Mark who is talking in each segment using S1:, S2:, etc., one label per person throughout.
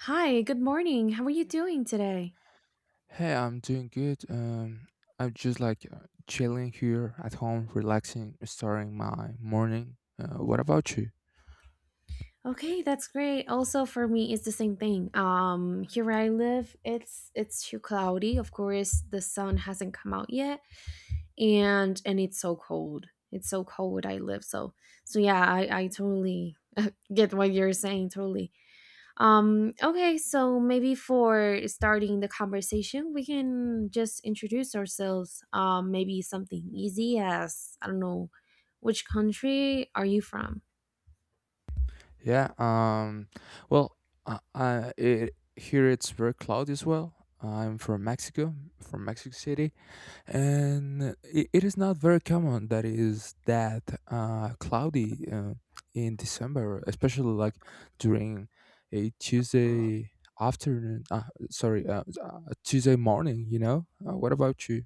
S1: Hi, good morning. How are you doing today?
S2: Hey, I'm doing good. I'm just like chilling here at home, relaxing, starting my morning. What about you?
S1: Okay, that's great. Also for me it's the same thing. Here I live, it's too cloudy. Of course, the sun hasn't come out yet, and it's so cold. It's so cold where I live. So yeah, I totally get what you're saying, totally. Okay, so maybe for starting the conversation, we can just introduce ourselves. Maybe something easy as, I don't know, which country are you from?
S2: Yeah. Well, here it's very cloudy as well. I'm from Mexico City, and it is not very common that it is that cloudy in December, especially like during a Tuesday afternoon. Sorry, Tuesday morning. You know. What about you?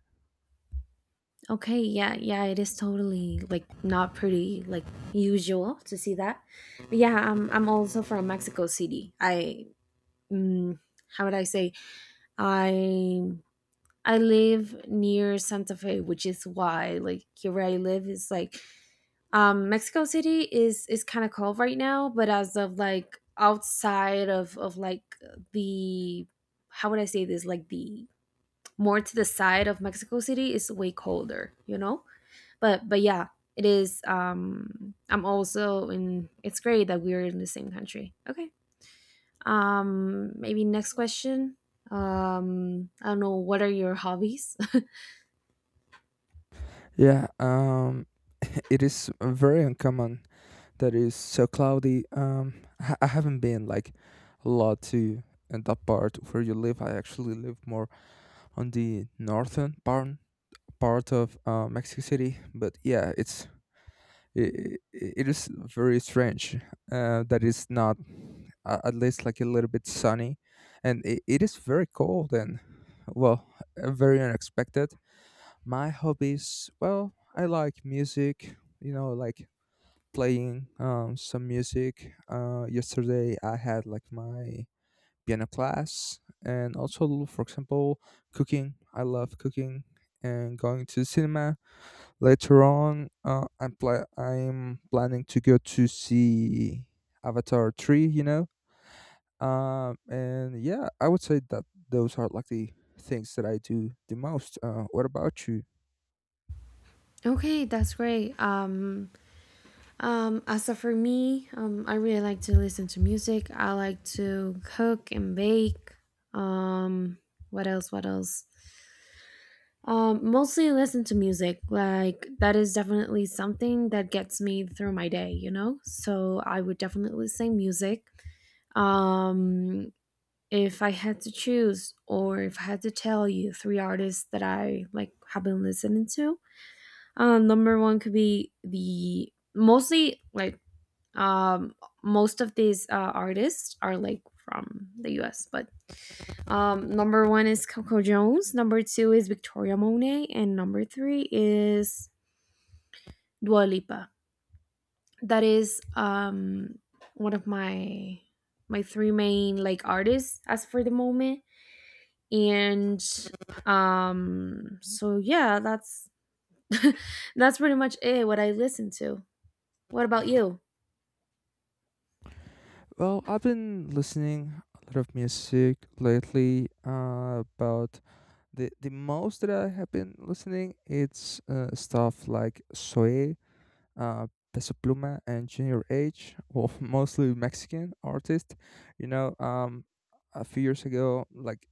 S1: Okay, yeah, yeah, it is totally like not pretty like usual to see that. But yeah, I'm also from Mexico City. I, mm, how would I say, I I live near Santa Fe, which is why like here where I live is like. Mexico City is kind of cold right now, but as of like outside of like, the, how would I say this, like, the more to the side of Mexico City is way colder, you know? But yeah, it is, I'm also in, it's great that we're in the same country. Okay. Maybe next question. I don't know, what are your hobbies?
S2: Yeah. It is very uncommon that it is so cloudy. I haven't been like a lot to in that part where you live. I actually live more on the northern part of Mexico City. But yeah, it is very strange that it's not at least like a little bit sunny, and it is very cold and well, very unexpected. My hobbies, well, I like music. You know, like playing some music. Yesterday I had like my piano class, and also, for example, cooking. I love cooking and going to the cinema. Later on, I'm planning to go to see Avatar three. You know, and yeah, I would say that those are like the things that I do the most. What about you?
S1: Okay, that's great. As for me, I really like to listen to music. I like to cook and bake. Um, what else? What else? Mostly listen to music. Like that is definitely something that gets me through my day. You know, so I would definitely say music. Um, if I had to choose, or if I had to tell you three artists that I like have been listening to, number one could be the, mostly like, um most of these artists are like from the us, but number one is coco jones, number two is victoria monet, and number three is dua lipa. That is one of my three main like artists as for the moment. And so yeah, that's that's pretty much it, what I listen to. What about you?
S2: Well, I've been listening a lot of music lately. But the most that I have been listening, it's stuff like Soe uh, Peso Pluma and Junior H, well, mostly Mexican artists. You know, a few years ago, like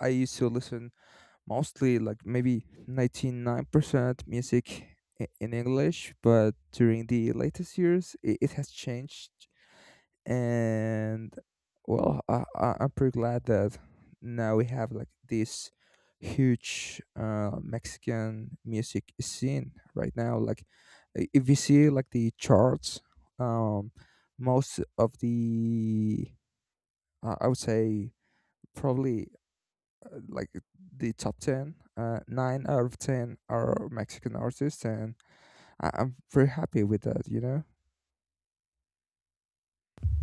S2: I used to listen mostly like maybe 99% music in English, but during the latest years, it has changed. And well, I'm pretty glad that now we have like this huge Mexican music scene right now. Like if you see like the charts, um most of the, I would say probably, like the top 10, 9 out of 10 are Mexican artists, and I'm pretty happy with that, you know.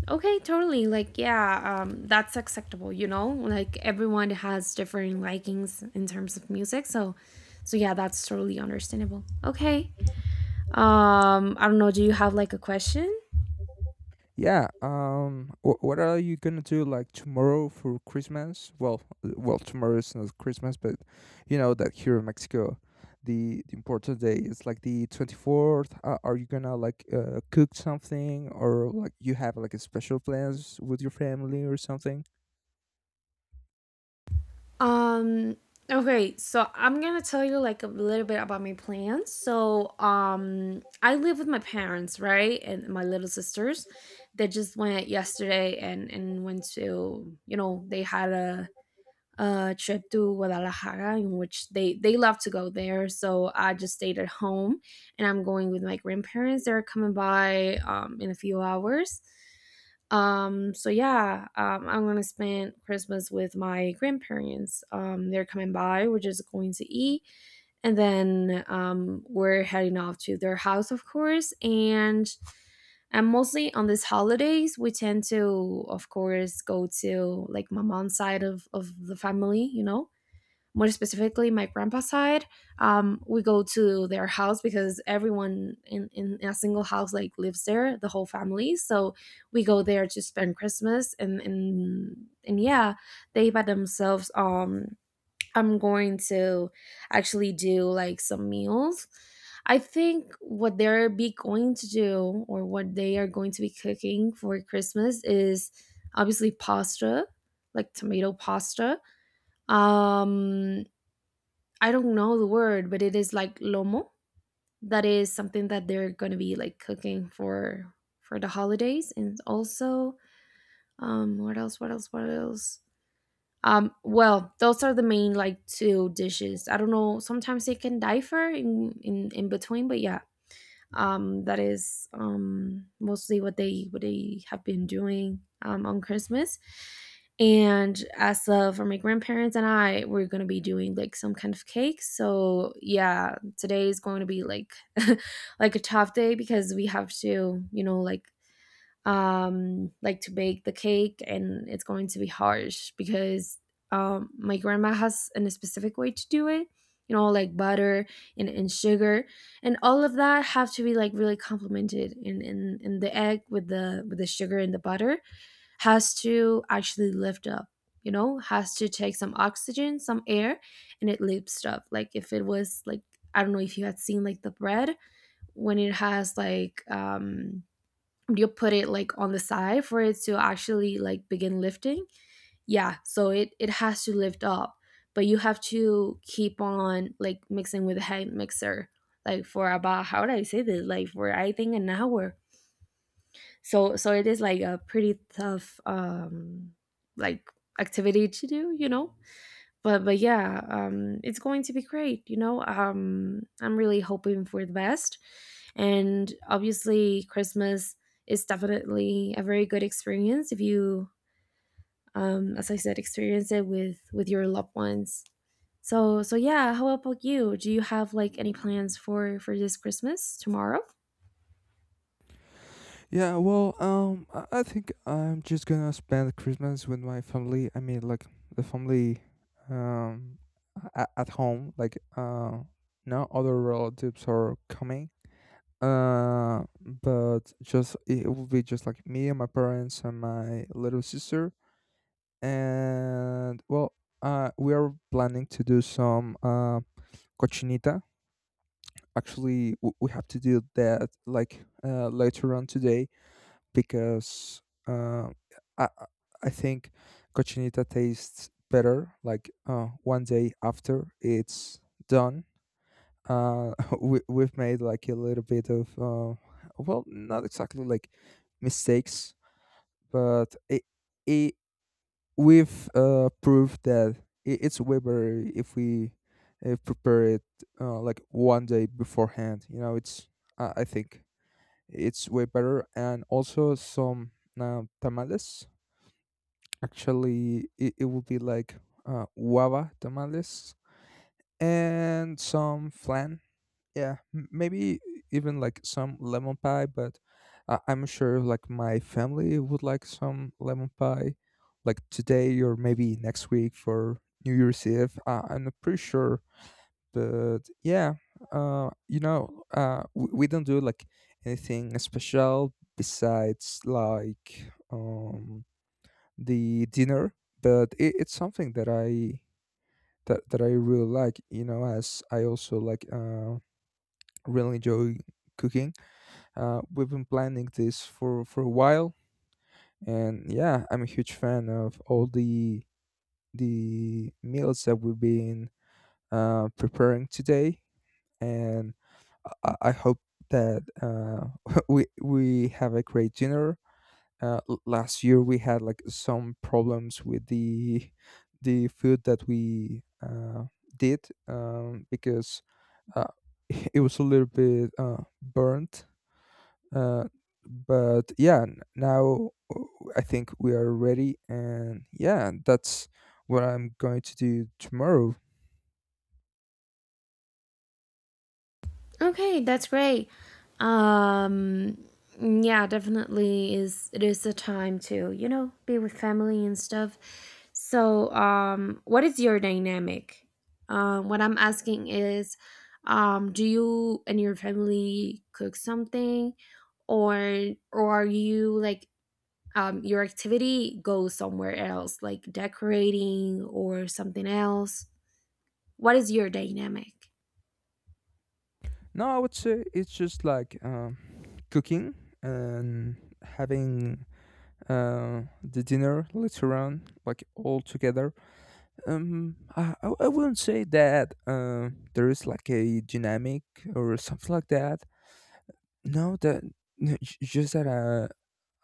S1: Okay, totally. Like, yeah, that's acceptable. You know, like everyone has different likings in terms of music, so yeah, that's totally understandable. Okay. I don't know. Do you have like a question?
S2: Yeah. What are you gonna do like tomorrow for Christmas? Well, well, tomorrow is not Christmas, but you know that here in Mexico, the important day is like the 24th. Are you gonna like cook something, or like you have like a special plans with your family or something?
S1: Um. Okay, so I'm gonna tell you like a little bit about my plans. So, I live with my parents, right, and my little sisters. They just went yesterday, and went to, they had a trip to Guadalajara, in which they love to go there. So I just stayed at home, and I'm going with my grandparents. They're coming by, in a few hours. So yeah, I'm gonna spend Christmas with my grandparents. They're coming by. We're just going to eat, and then we're heading off to their house, of course. And mostly on these holidays, we tend to, of course, go to like my mom's side of the family. You know, more specifically, my grandpa's side. We go to their house because everyone in a single house like lives there, the whole family. So we go there to spend Christmas, and yeah, they by themselves, I'm going to actually do like some meals. I think what they're be going to do, or what they are going to be cooking for Christmas is obviously pasta, like tomato pasta. Um I don't know the word, but it is like lomo. That is something that they're going to be like cooking for the holidays. And also, what else, what else, what else, well, those are the main like two dishes. I don't know. Sometimes they can differ in between, but yeah. That is mostly what they have been doing on Christmas. And as, for my grandparents and I, we're gonna be doing like some kind of cake. So yeah, today is going to be like like a tough day because we have to, you know, like, like to bake the cake, and it's going to be harsh because, my grandma has an specific way to do it. You know, like butter and sugar, and all of that have to be like really complemented, and the egg with the sugar and the butter has to actually lift up. You know, has to take some oxygen, some air, and it lifts up. Like if it was like, I don't know if you had seen like the bread when it has like, you put it like on the side for it to actually like begin lifting. Yeah, so it has to lift up, but you have to keep on like mixing with a hand mixer, like for about, how do I say this, like for, I think, an hour. So it is like a pretty tough like activity to do, you know. But yeah, it's going to be great, you know. I'm really hoping for the best, and obviously, Christmas is definitely a very good experience if you, as I said, experience it with your loved ones. So yeah, how about you? Do you have like any plans for this Christmas tomorrow?
S2: Yeah, well, I think I'm just gonna spend Christmas with my family. I mean, like the family, um, at home. Like, no other relatives are coming. But just it will be just like me and my parents and my little sister. And well, we are planning to do some cochinita. Actually, we have to do that like later on today, because I I I think cochinita tastes better. Like 1 day after it's done, uh, we we've made like a little bit of well, not exactly like mistakes, but it we've proved that it's way better if we prepare it like 1 day beforehand. You know, it's I think it's way better. And also some tamales. Actually, it will be like guava tamales and some flan. Yeah, maybe even like some lemon pie, but I'm sure like my family would like some lemon pie like today or maybe next week for New Year's Eve. I'm not pretty sure, but yeah. You know, we don't do like anything special besides like the dinner, but it's something that I really like, you know, as I also like really enjoy cooking. We've been planning this for a while, and yeah, I'm a huge fan of all the meals that we've been preparing today. And I hope that we have a great dinner. Last year we had like some problems with the food that we did, because uh, it was a little bit burnt. Uh, but yeah, now uh, I think we are ready, and yeah, that's what I'm going to do tomorrow.
S1: Okay, that's great. Um, yeah, definitely is, it is a time to, you know, be with family and stuff. So, what is your dynamic? What I'm asking is, do you and your family cook something, or are you like, your activity goes somewhere else, like decorating or something else? What is your dynamic?
S2: No, I would say it's just like cooking and having the dinner later on, like all together. I wouldn't say that there is like a dynamic or something like that. No, that no, just that uh,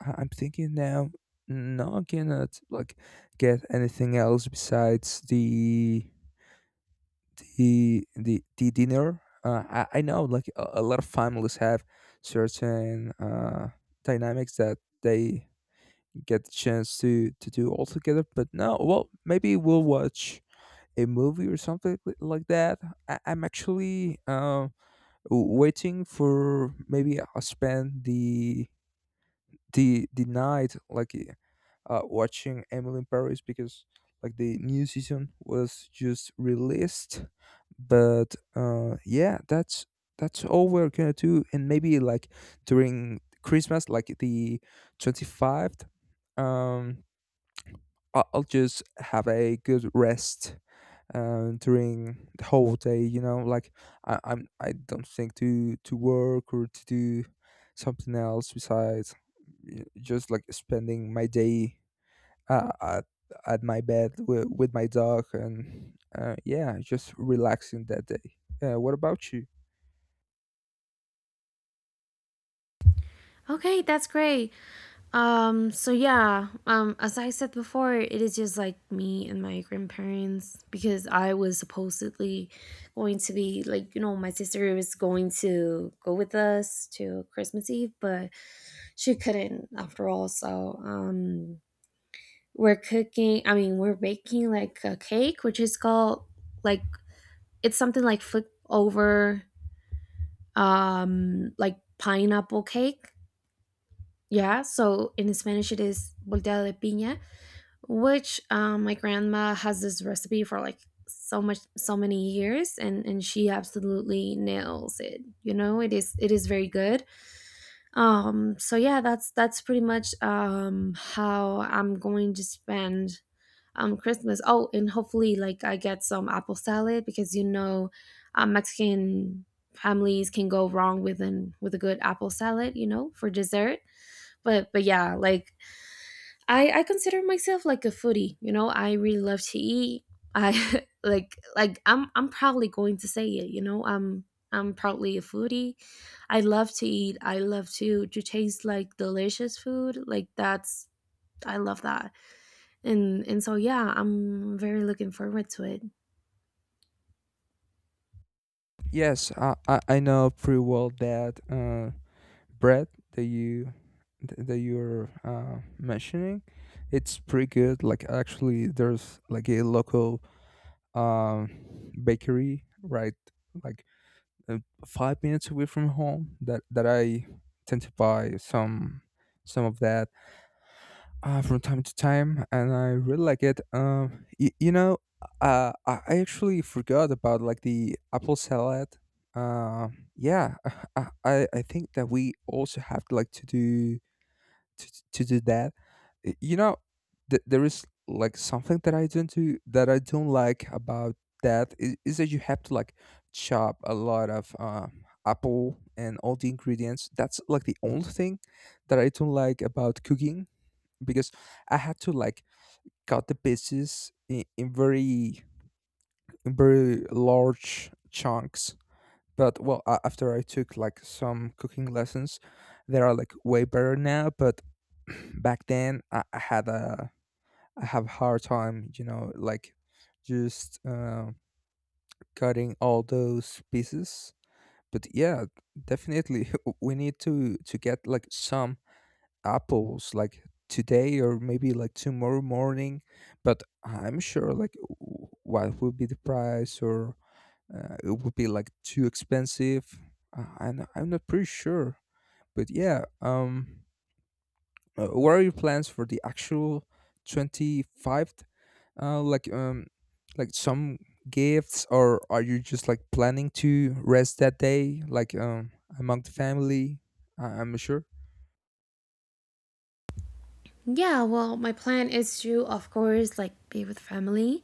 S2: I- I'm thinking now. No, I cannot like get anything else besides the dinner. I know like a lot of families have certain dynamics that they get the chance to do all together. But no, well, maybe we'll watch a movie or something like that. I'm actually waiting for maybe I'll spend the the night like watching Emily in Paris because like the new season was just released. But yeah, that's all we're gonna do. And maybe like during Christmas, like the 25th, um, I'll just have a good rest during the whole day. You know, like I don't think to work or to do something else besides just like spending my day uh, at at my bed with my dog, and yeah, just relaxing that day. What about you?
S1: Okay, that's great. So yeah, as I said before, it is just like me and my grandparents because I was supposedly going to be like, you know, my sister was going to go with us to Christmas Eve, but she couldn't after all. So, we're cooking, I mean, we're baking like a cake, which is called like, it's something like flip over, like pineapple cake. Yeah, so in Spanish it is volteada de piña, which, my grandma has this recipe for like so much, many years, and she absolutely nails it, you know. It is very good. So yeah, that's pretty much how I'm going to spend christmas. Oh, and hopefully like I get some apple salad, because you know, mexican families can go wrong with a good apple salad, you know, for dessert. But yeah, like I consider myself like a foodie. You know, I really love to eat. I like I'm proudly going to say it. You know, I'm proudly a foodie. I love to eat. I love to taste like delicious food. Like that's, I love that. And so yeah, I'm very looking forward to it.
S2: Yes, I know pretty well that bread that you that you're mentioning. It's pretty good. Like actually, there's like a local bakery right like uh, 5 minutes away from home that that I tend to buy some of that from time to time, and I really like it. You know, I actually forgot about like the apple salad. Uh, yeah, I, I think that we also have like to to do that. You know, there is like something that I don't do that I don't like about that is that you have to like chop a lot of apple and all the ingredients. That's like the only thing that I don't like about cooking, because I had to like cut the pieces in very large chunks. But well, after I took like some cooking lessons, they are like way better now. But back then, I had a I have hard time, you know, like just cutting all those pieces. But yeah, definitely we need to get like some apples like today or maybe like tomorrow morning. But I'm sure like what would be the price, or it would be like too expensive. I'm not pretty sure, but yeah. What are your plans for the actual 25th, uh like um like some gifts, or are you just like planning to rest that day, like among the family? I'm not sure.
S1: Yeah, well, my plan is to of course like be with family,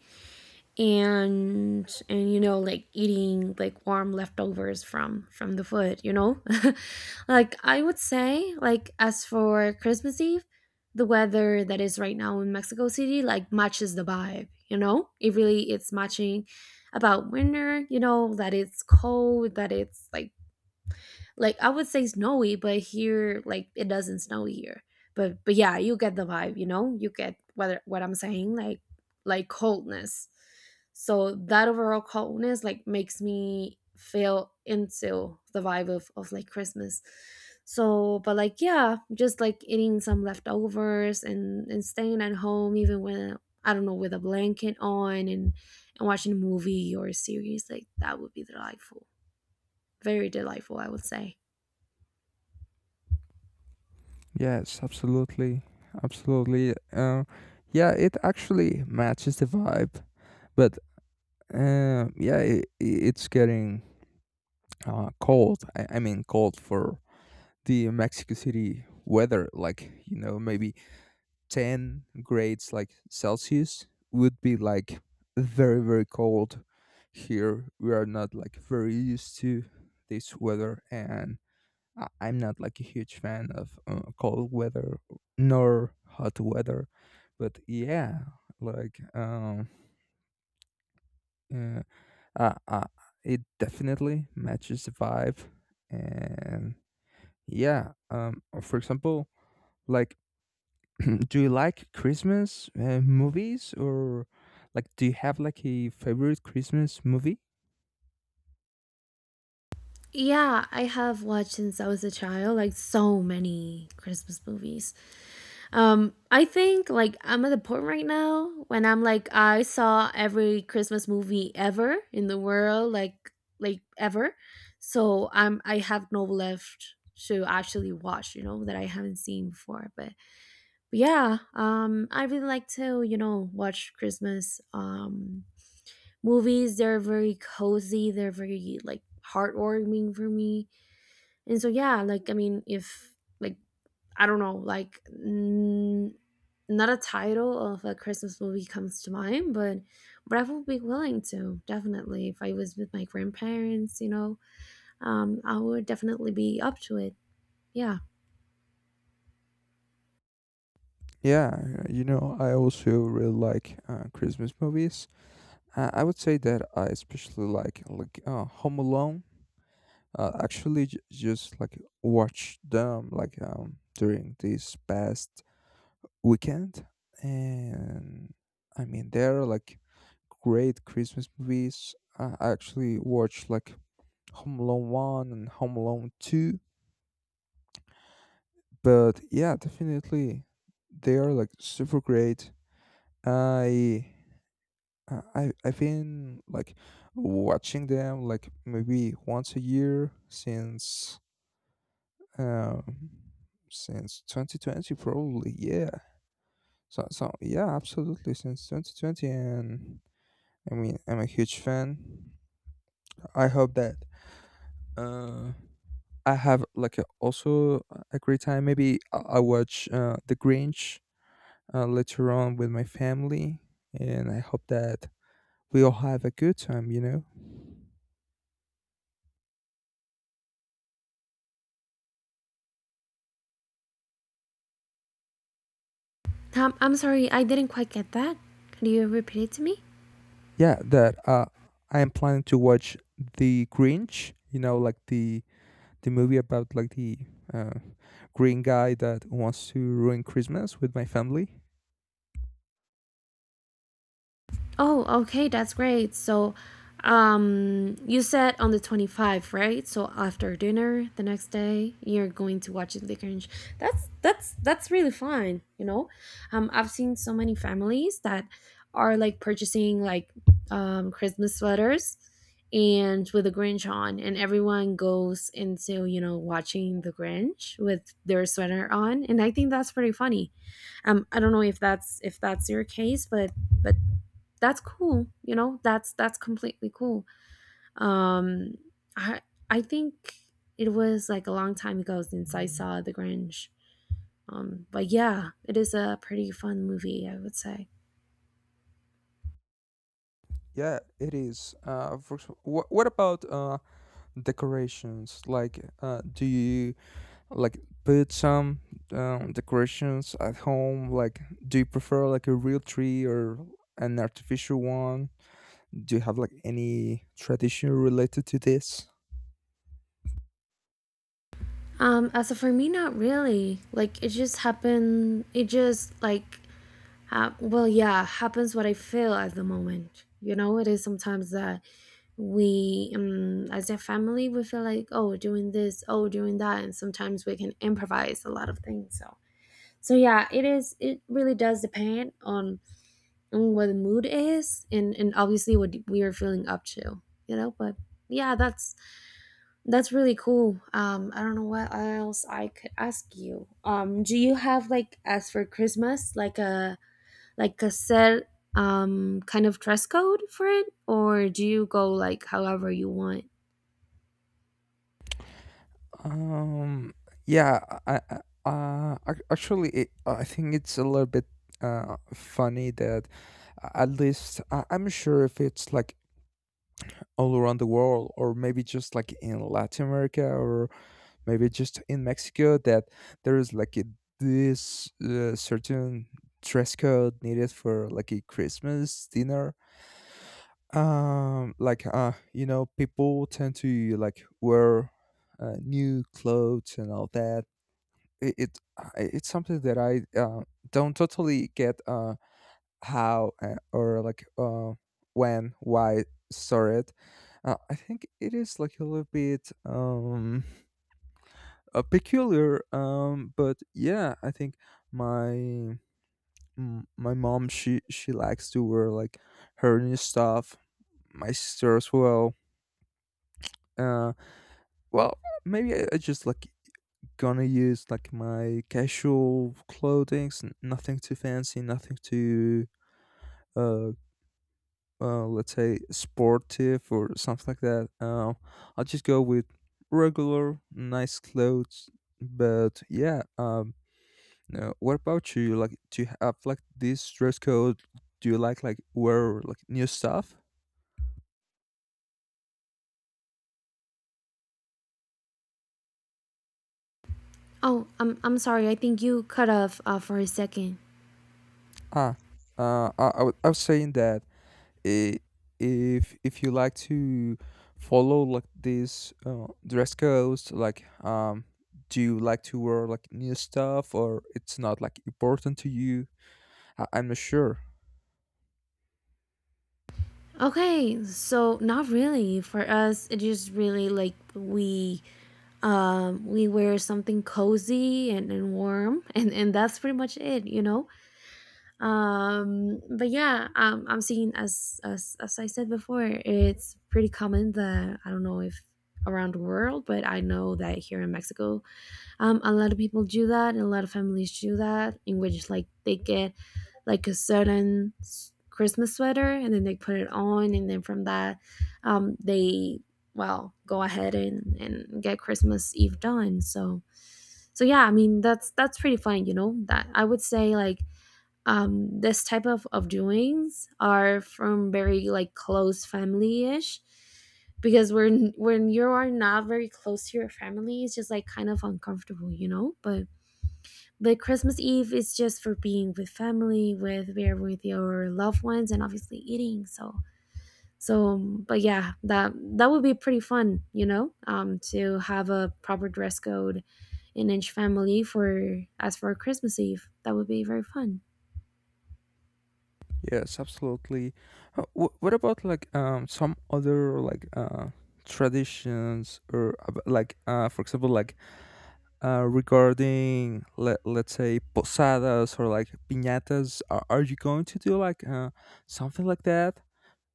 S1: and you know like eating like warm leftovers from the food, you know. Like I would say, like, as for christmas eve, the weather that is right now in mexico city like matches the vibe, you know. It really, it's matching about winter, you know, that it's cold, that it's like I would say snowy, but here like it doesn't snow here. But yeah, you get the vibe, you know? You get what I'm saying, like coldness. So that overall coldness like makes me feel into the vibe of like Christmas. So but like yeah, just like eating some leftovers and staying at home, even when, I don't know, with a blanket on, and watching a movie or a series, like that would be delightful. Very delightful, I would say.
S2: Yes, absolutely. Absolutely. Yeah, it actually matches the vibe. But yeah, it's getting cold. I mean, cold for the Mexico City weather. Like, you know, maybe 10 grades like Celsius would be like very, very cold here. We are not like very used to this weather. And I'm not like a huge fan of cold weather nor hot weather, but yeah, like uh, uh, uh, it definitely matches the vibe, and yeah, for example, like do you like Christmas movies, or like do you have like a favorite Christmas movie?
S1: Yeah, I have watched since I was a child, like so many Christmas movies. I think like I'm at the point right now when I'm like I saw every Christmas movie ever in the world, like ever. So I have no left to actually watch, you know, that I haven't seen before. But yeah, I really like to, watch Christmas movies. They're very cozy. They're very like heartwarming for me. And so yeah, like I mean, if like, I don't know, like, not a title of a Christmas movie comes to mind, but I would be willing to, definitely, if I was with my grandparents, you know, I would definitely be up to it. Yeah.
S2: Yeah, you know, I also really like Christmas movies. I would say that I especially like Home Alone. Actually, just like watch them like during these past weekend. And I mean, there are like great Christmas movies. I actually watched like Home Alone 1 and Home Alone 2. But yeah, definitely they are like super great. i I've been like watching them like maybe once a year um since 2020, probably. Yeah, so yeah, absolutely since 2020. And I mean, I'm a huge fan. I hope that uh, I have like also a great time. Maybe I watch The Grinch later on with my family, and I hope that we all have a good time, you know.
S1: I'm sorry, I didn't quite get that. Could you repeat it to me?
S2: Yeah, that I am planning to watch The Grinch. You know, like the movie about like the uh, green guy that wants to ruin Christmas with my family.
S1: Oh, okay, that's great. So, you said on the 25th, right? So after dinner the next day, you're going to watch the Grinch. That's really fine, you know. I've seen so many families that are like purchasing like Christmas sweaters and with the Grinch on, and everyone goes into, you know, watching the Grinch with their sweater on, and I think that's pretty funny. I don't know if that's your case, but that's cool, you know, that's completely cool. Um i i think it was like a long time ago since I saw the Grinch. But yeah, it is a pretty fun movie, I would say.
S2: Yeah, it is. What about decorations, like do you like put some decorations at home? Like, do you prefer like a real tree or an artificial one? Do you have like any tradition related to this?
S1: As for me, not really. Like, it just happened, it just like well, yeah, happens what I feel at the moment, you know. It is sometimes that we, as a family, we feel like, oh, doing this, oh, doing that, and sometimes we can improvise a lot of things. So yeah, it is, it really does depend on what the mood is, and obviously what we are feeling up to, you know. But yeah, that's really cool. I don't know what else I could ask you. Do you have, like, as for Christmas, like a, like a set kind of dress code for it, or do you go like however you want?
S2: um yeah, I actually I think it's a little bit funny that at least I, I'm sure if it's like all around the world, or maybe just like in Latin America, or maybe just in Mexico, that there is like a, this certain dress code needed for like a Christmas dinner. Like, you know, people tend to like wear new clothes and all that. It, it I- it's something that I don't totally get, how, or like when, why sorted. I think it is like a little bit peculiar, but yeah, I think my my mom, she likes to wear like her new stuff, my sister as well. uh well, maybe I just like gonna use like my casual clothing, nothing too fancy, nothing too uh let's say sportive or something like that. I'll just go with regular nice clothes, but yeah, no. What about you? Like, do you have like this dress code? Do you like wear like new stuff?
S1: Oh, I'm sorry, I think you cut off for a second.
S2: Ah, I was saying that, uh, if you like to follow like this dress codes, like, do you like to wear like new stuff, or it's not like important to you? I'm not sure.
S1: Okay, so not really. For us, it just really like we, we wear something cozy and warm and that's pretty much it, you know? But yeah, I'm seeing, as as I said before, it's pretty common that, I don't know if around the world, but I know that here in Mexico, a lot of people do that, and a lot of families do that, in which like they get like a certain Christmas sweater, and then they put it on, and then from that, they, well, go ahead and get Christmas Eve done. So yeah, I mean, that's pretty fun, you know. That I would say, like, this type of doings are from very like close family ish because when you are not very close to your family, it's just like kind of uncomfortable, you know. But Christmas Eve is just for being with family, with, we're with your loved ones, and obviously eating. So but yeah, that that would be pretty fun, you know, to have a proper dress code in each family for, as for Christmas Eve. That would be very fun.
S2: Yes, absolutely. What about like some other like traditions, or like for example, like regarding, let's say posadas or like piñatas? Are you going to do like something like that?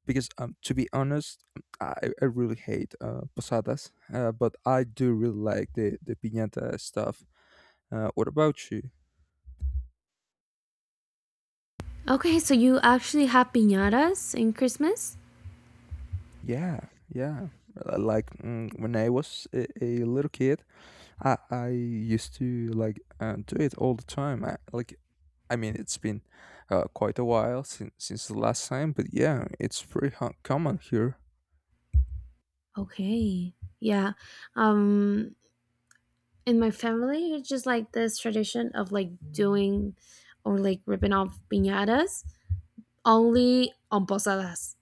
S2: Because to be honest, i, I really hate posadas, but I do really like the piñata stuff. What about you?
S1: Okay, so you actually have piñatas in Christmas?
S2: Yeah, yeah. Like, when I was a little kid, I used to like do it all the time. I, like, I mean, it's been quite a while since the last time, but yeah, it's pretty common here.
S1: Okay, yeah. Um, in my family, it's just like this tradition of like doing or like ripping off piñatas only on posadas.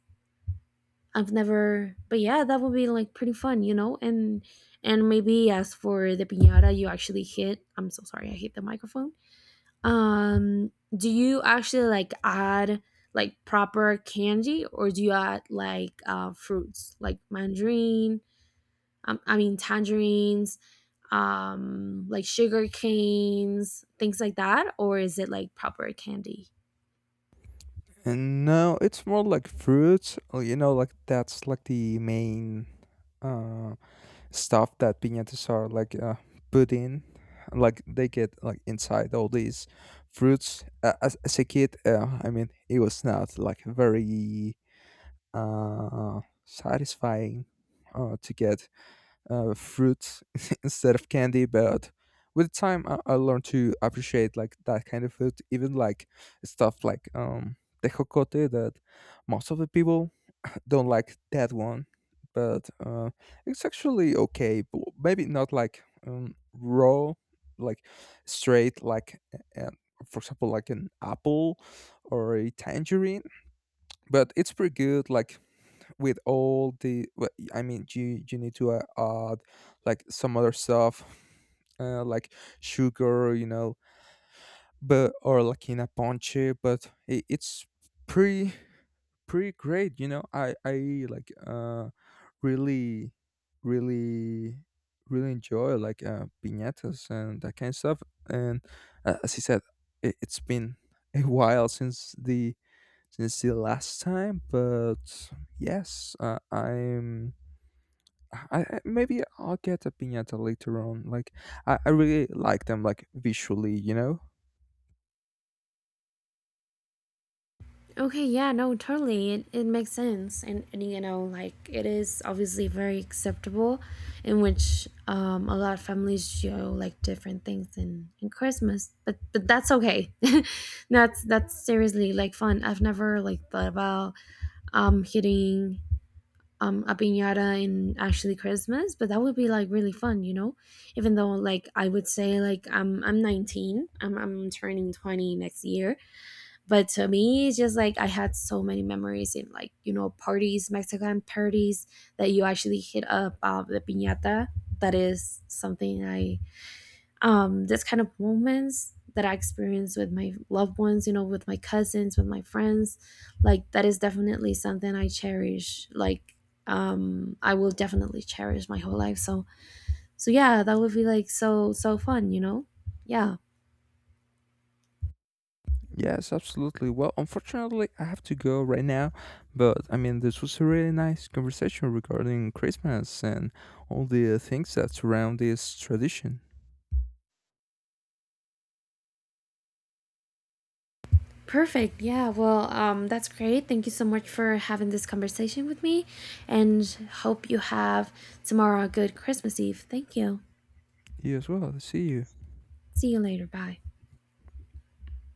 S1: I've never, but yeah, that would be like pretty fun, you know. And maybe as for the piñata, you actually hit. I'm so sorry, I hit the microphone. Do you actually like add like proper candy, or do you add like fruits like mandarin? I mean, tangerines, like sugar canes, things like that, or is it like proper candy?
S2: And now it's more like fruits. You know, like that's like the main uh, stuff that piñatas are like put in. Like they get like inside all these fruits. As a kid, I mean, it was not like very satisfying to get fruit instead of candy. But with time, I learned to appreciate like that kind of food, even like stuff like tejocote, that most of the people don't like that one, but it's actually okay. Maybe not like raw, like straight, like, uh, for example, like an apple or a tangerine, but it's pretty good like with all the, well, I mean you need to add like some other stuff, like sugar, you know, but, or like in a ponche. But it's pretty, pretty great, you know. I like really, really, really enjoy like piñatas and that kind of stuff. And as he said, it's been a while since the last time, but yes, maybe I'll get a piñata later on. Like I really like them, like visually, you know.
S1: Okay, yeah, no, totally. It makes sense. And, you know, like it is obviously very acceptable, in which a lot of families show like different things in Christmas. But that's okay. That's seriously like fun. I've never like thought about hitting a piñata and actually Christmas, but that would be like really fun, you know. Even though like I would say like I'm 19, I'm turning 20 next year, but to me it's just like I had so many memories in, like, you know, parties, Mexican parties that you actually hit up the piñata. That is something I, this kind of moments that I experience with my loved ones, you know, with my cousins, with my friends, like that is definitely something I cherish. Like, I will definitely cherish my whole life. So yeah, that would be like so fun, you know? Yeah.
S2: Yes, absolutely. Well, unfortunately, I have to go right now, but I mean, this was a really nice conversation regarding Christmas and all the things that surround this tradition.
S1: Perfect. Yeah. Well, that's great. Thank you so much for having this conversation with me, and hope you have tomorrow a good Christmas Eve. Thank you.
S2: You as well. See you.
S1: See you later. Bye.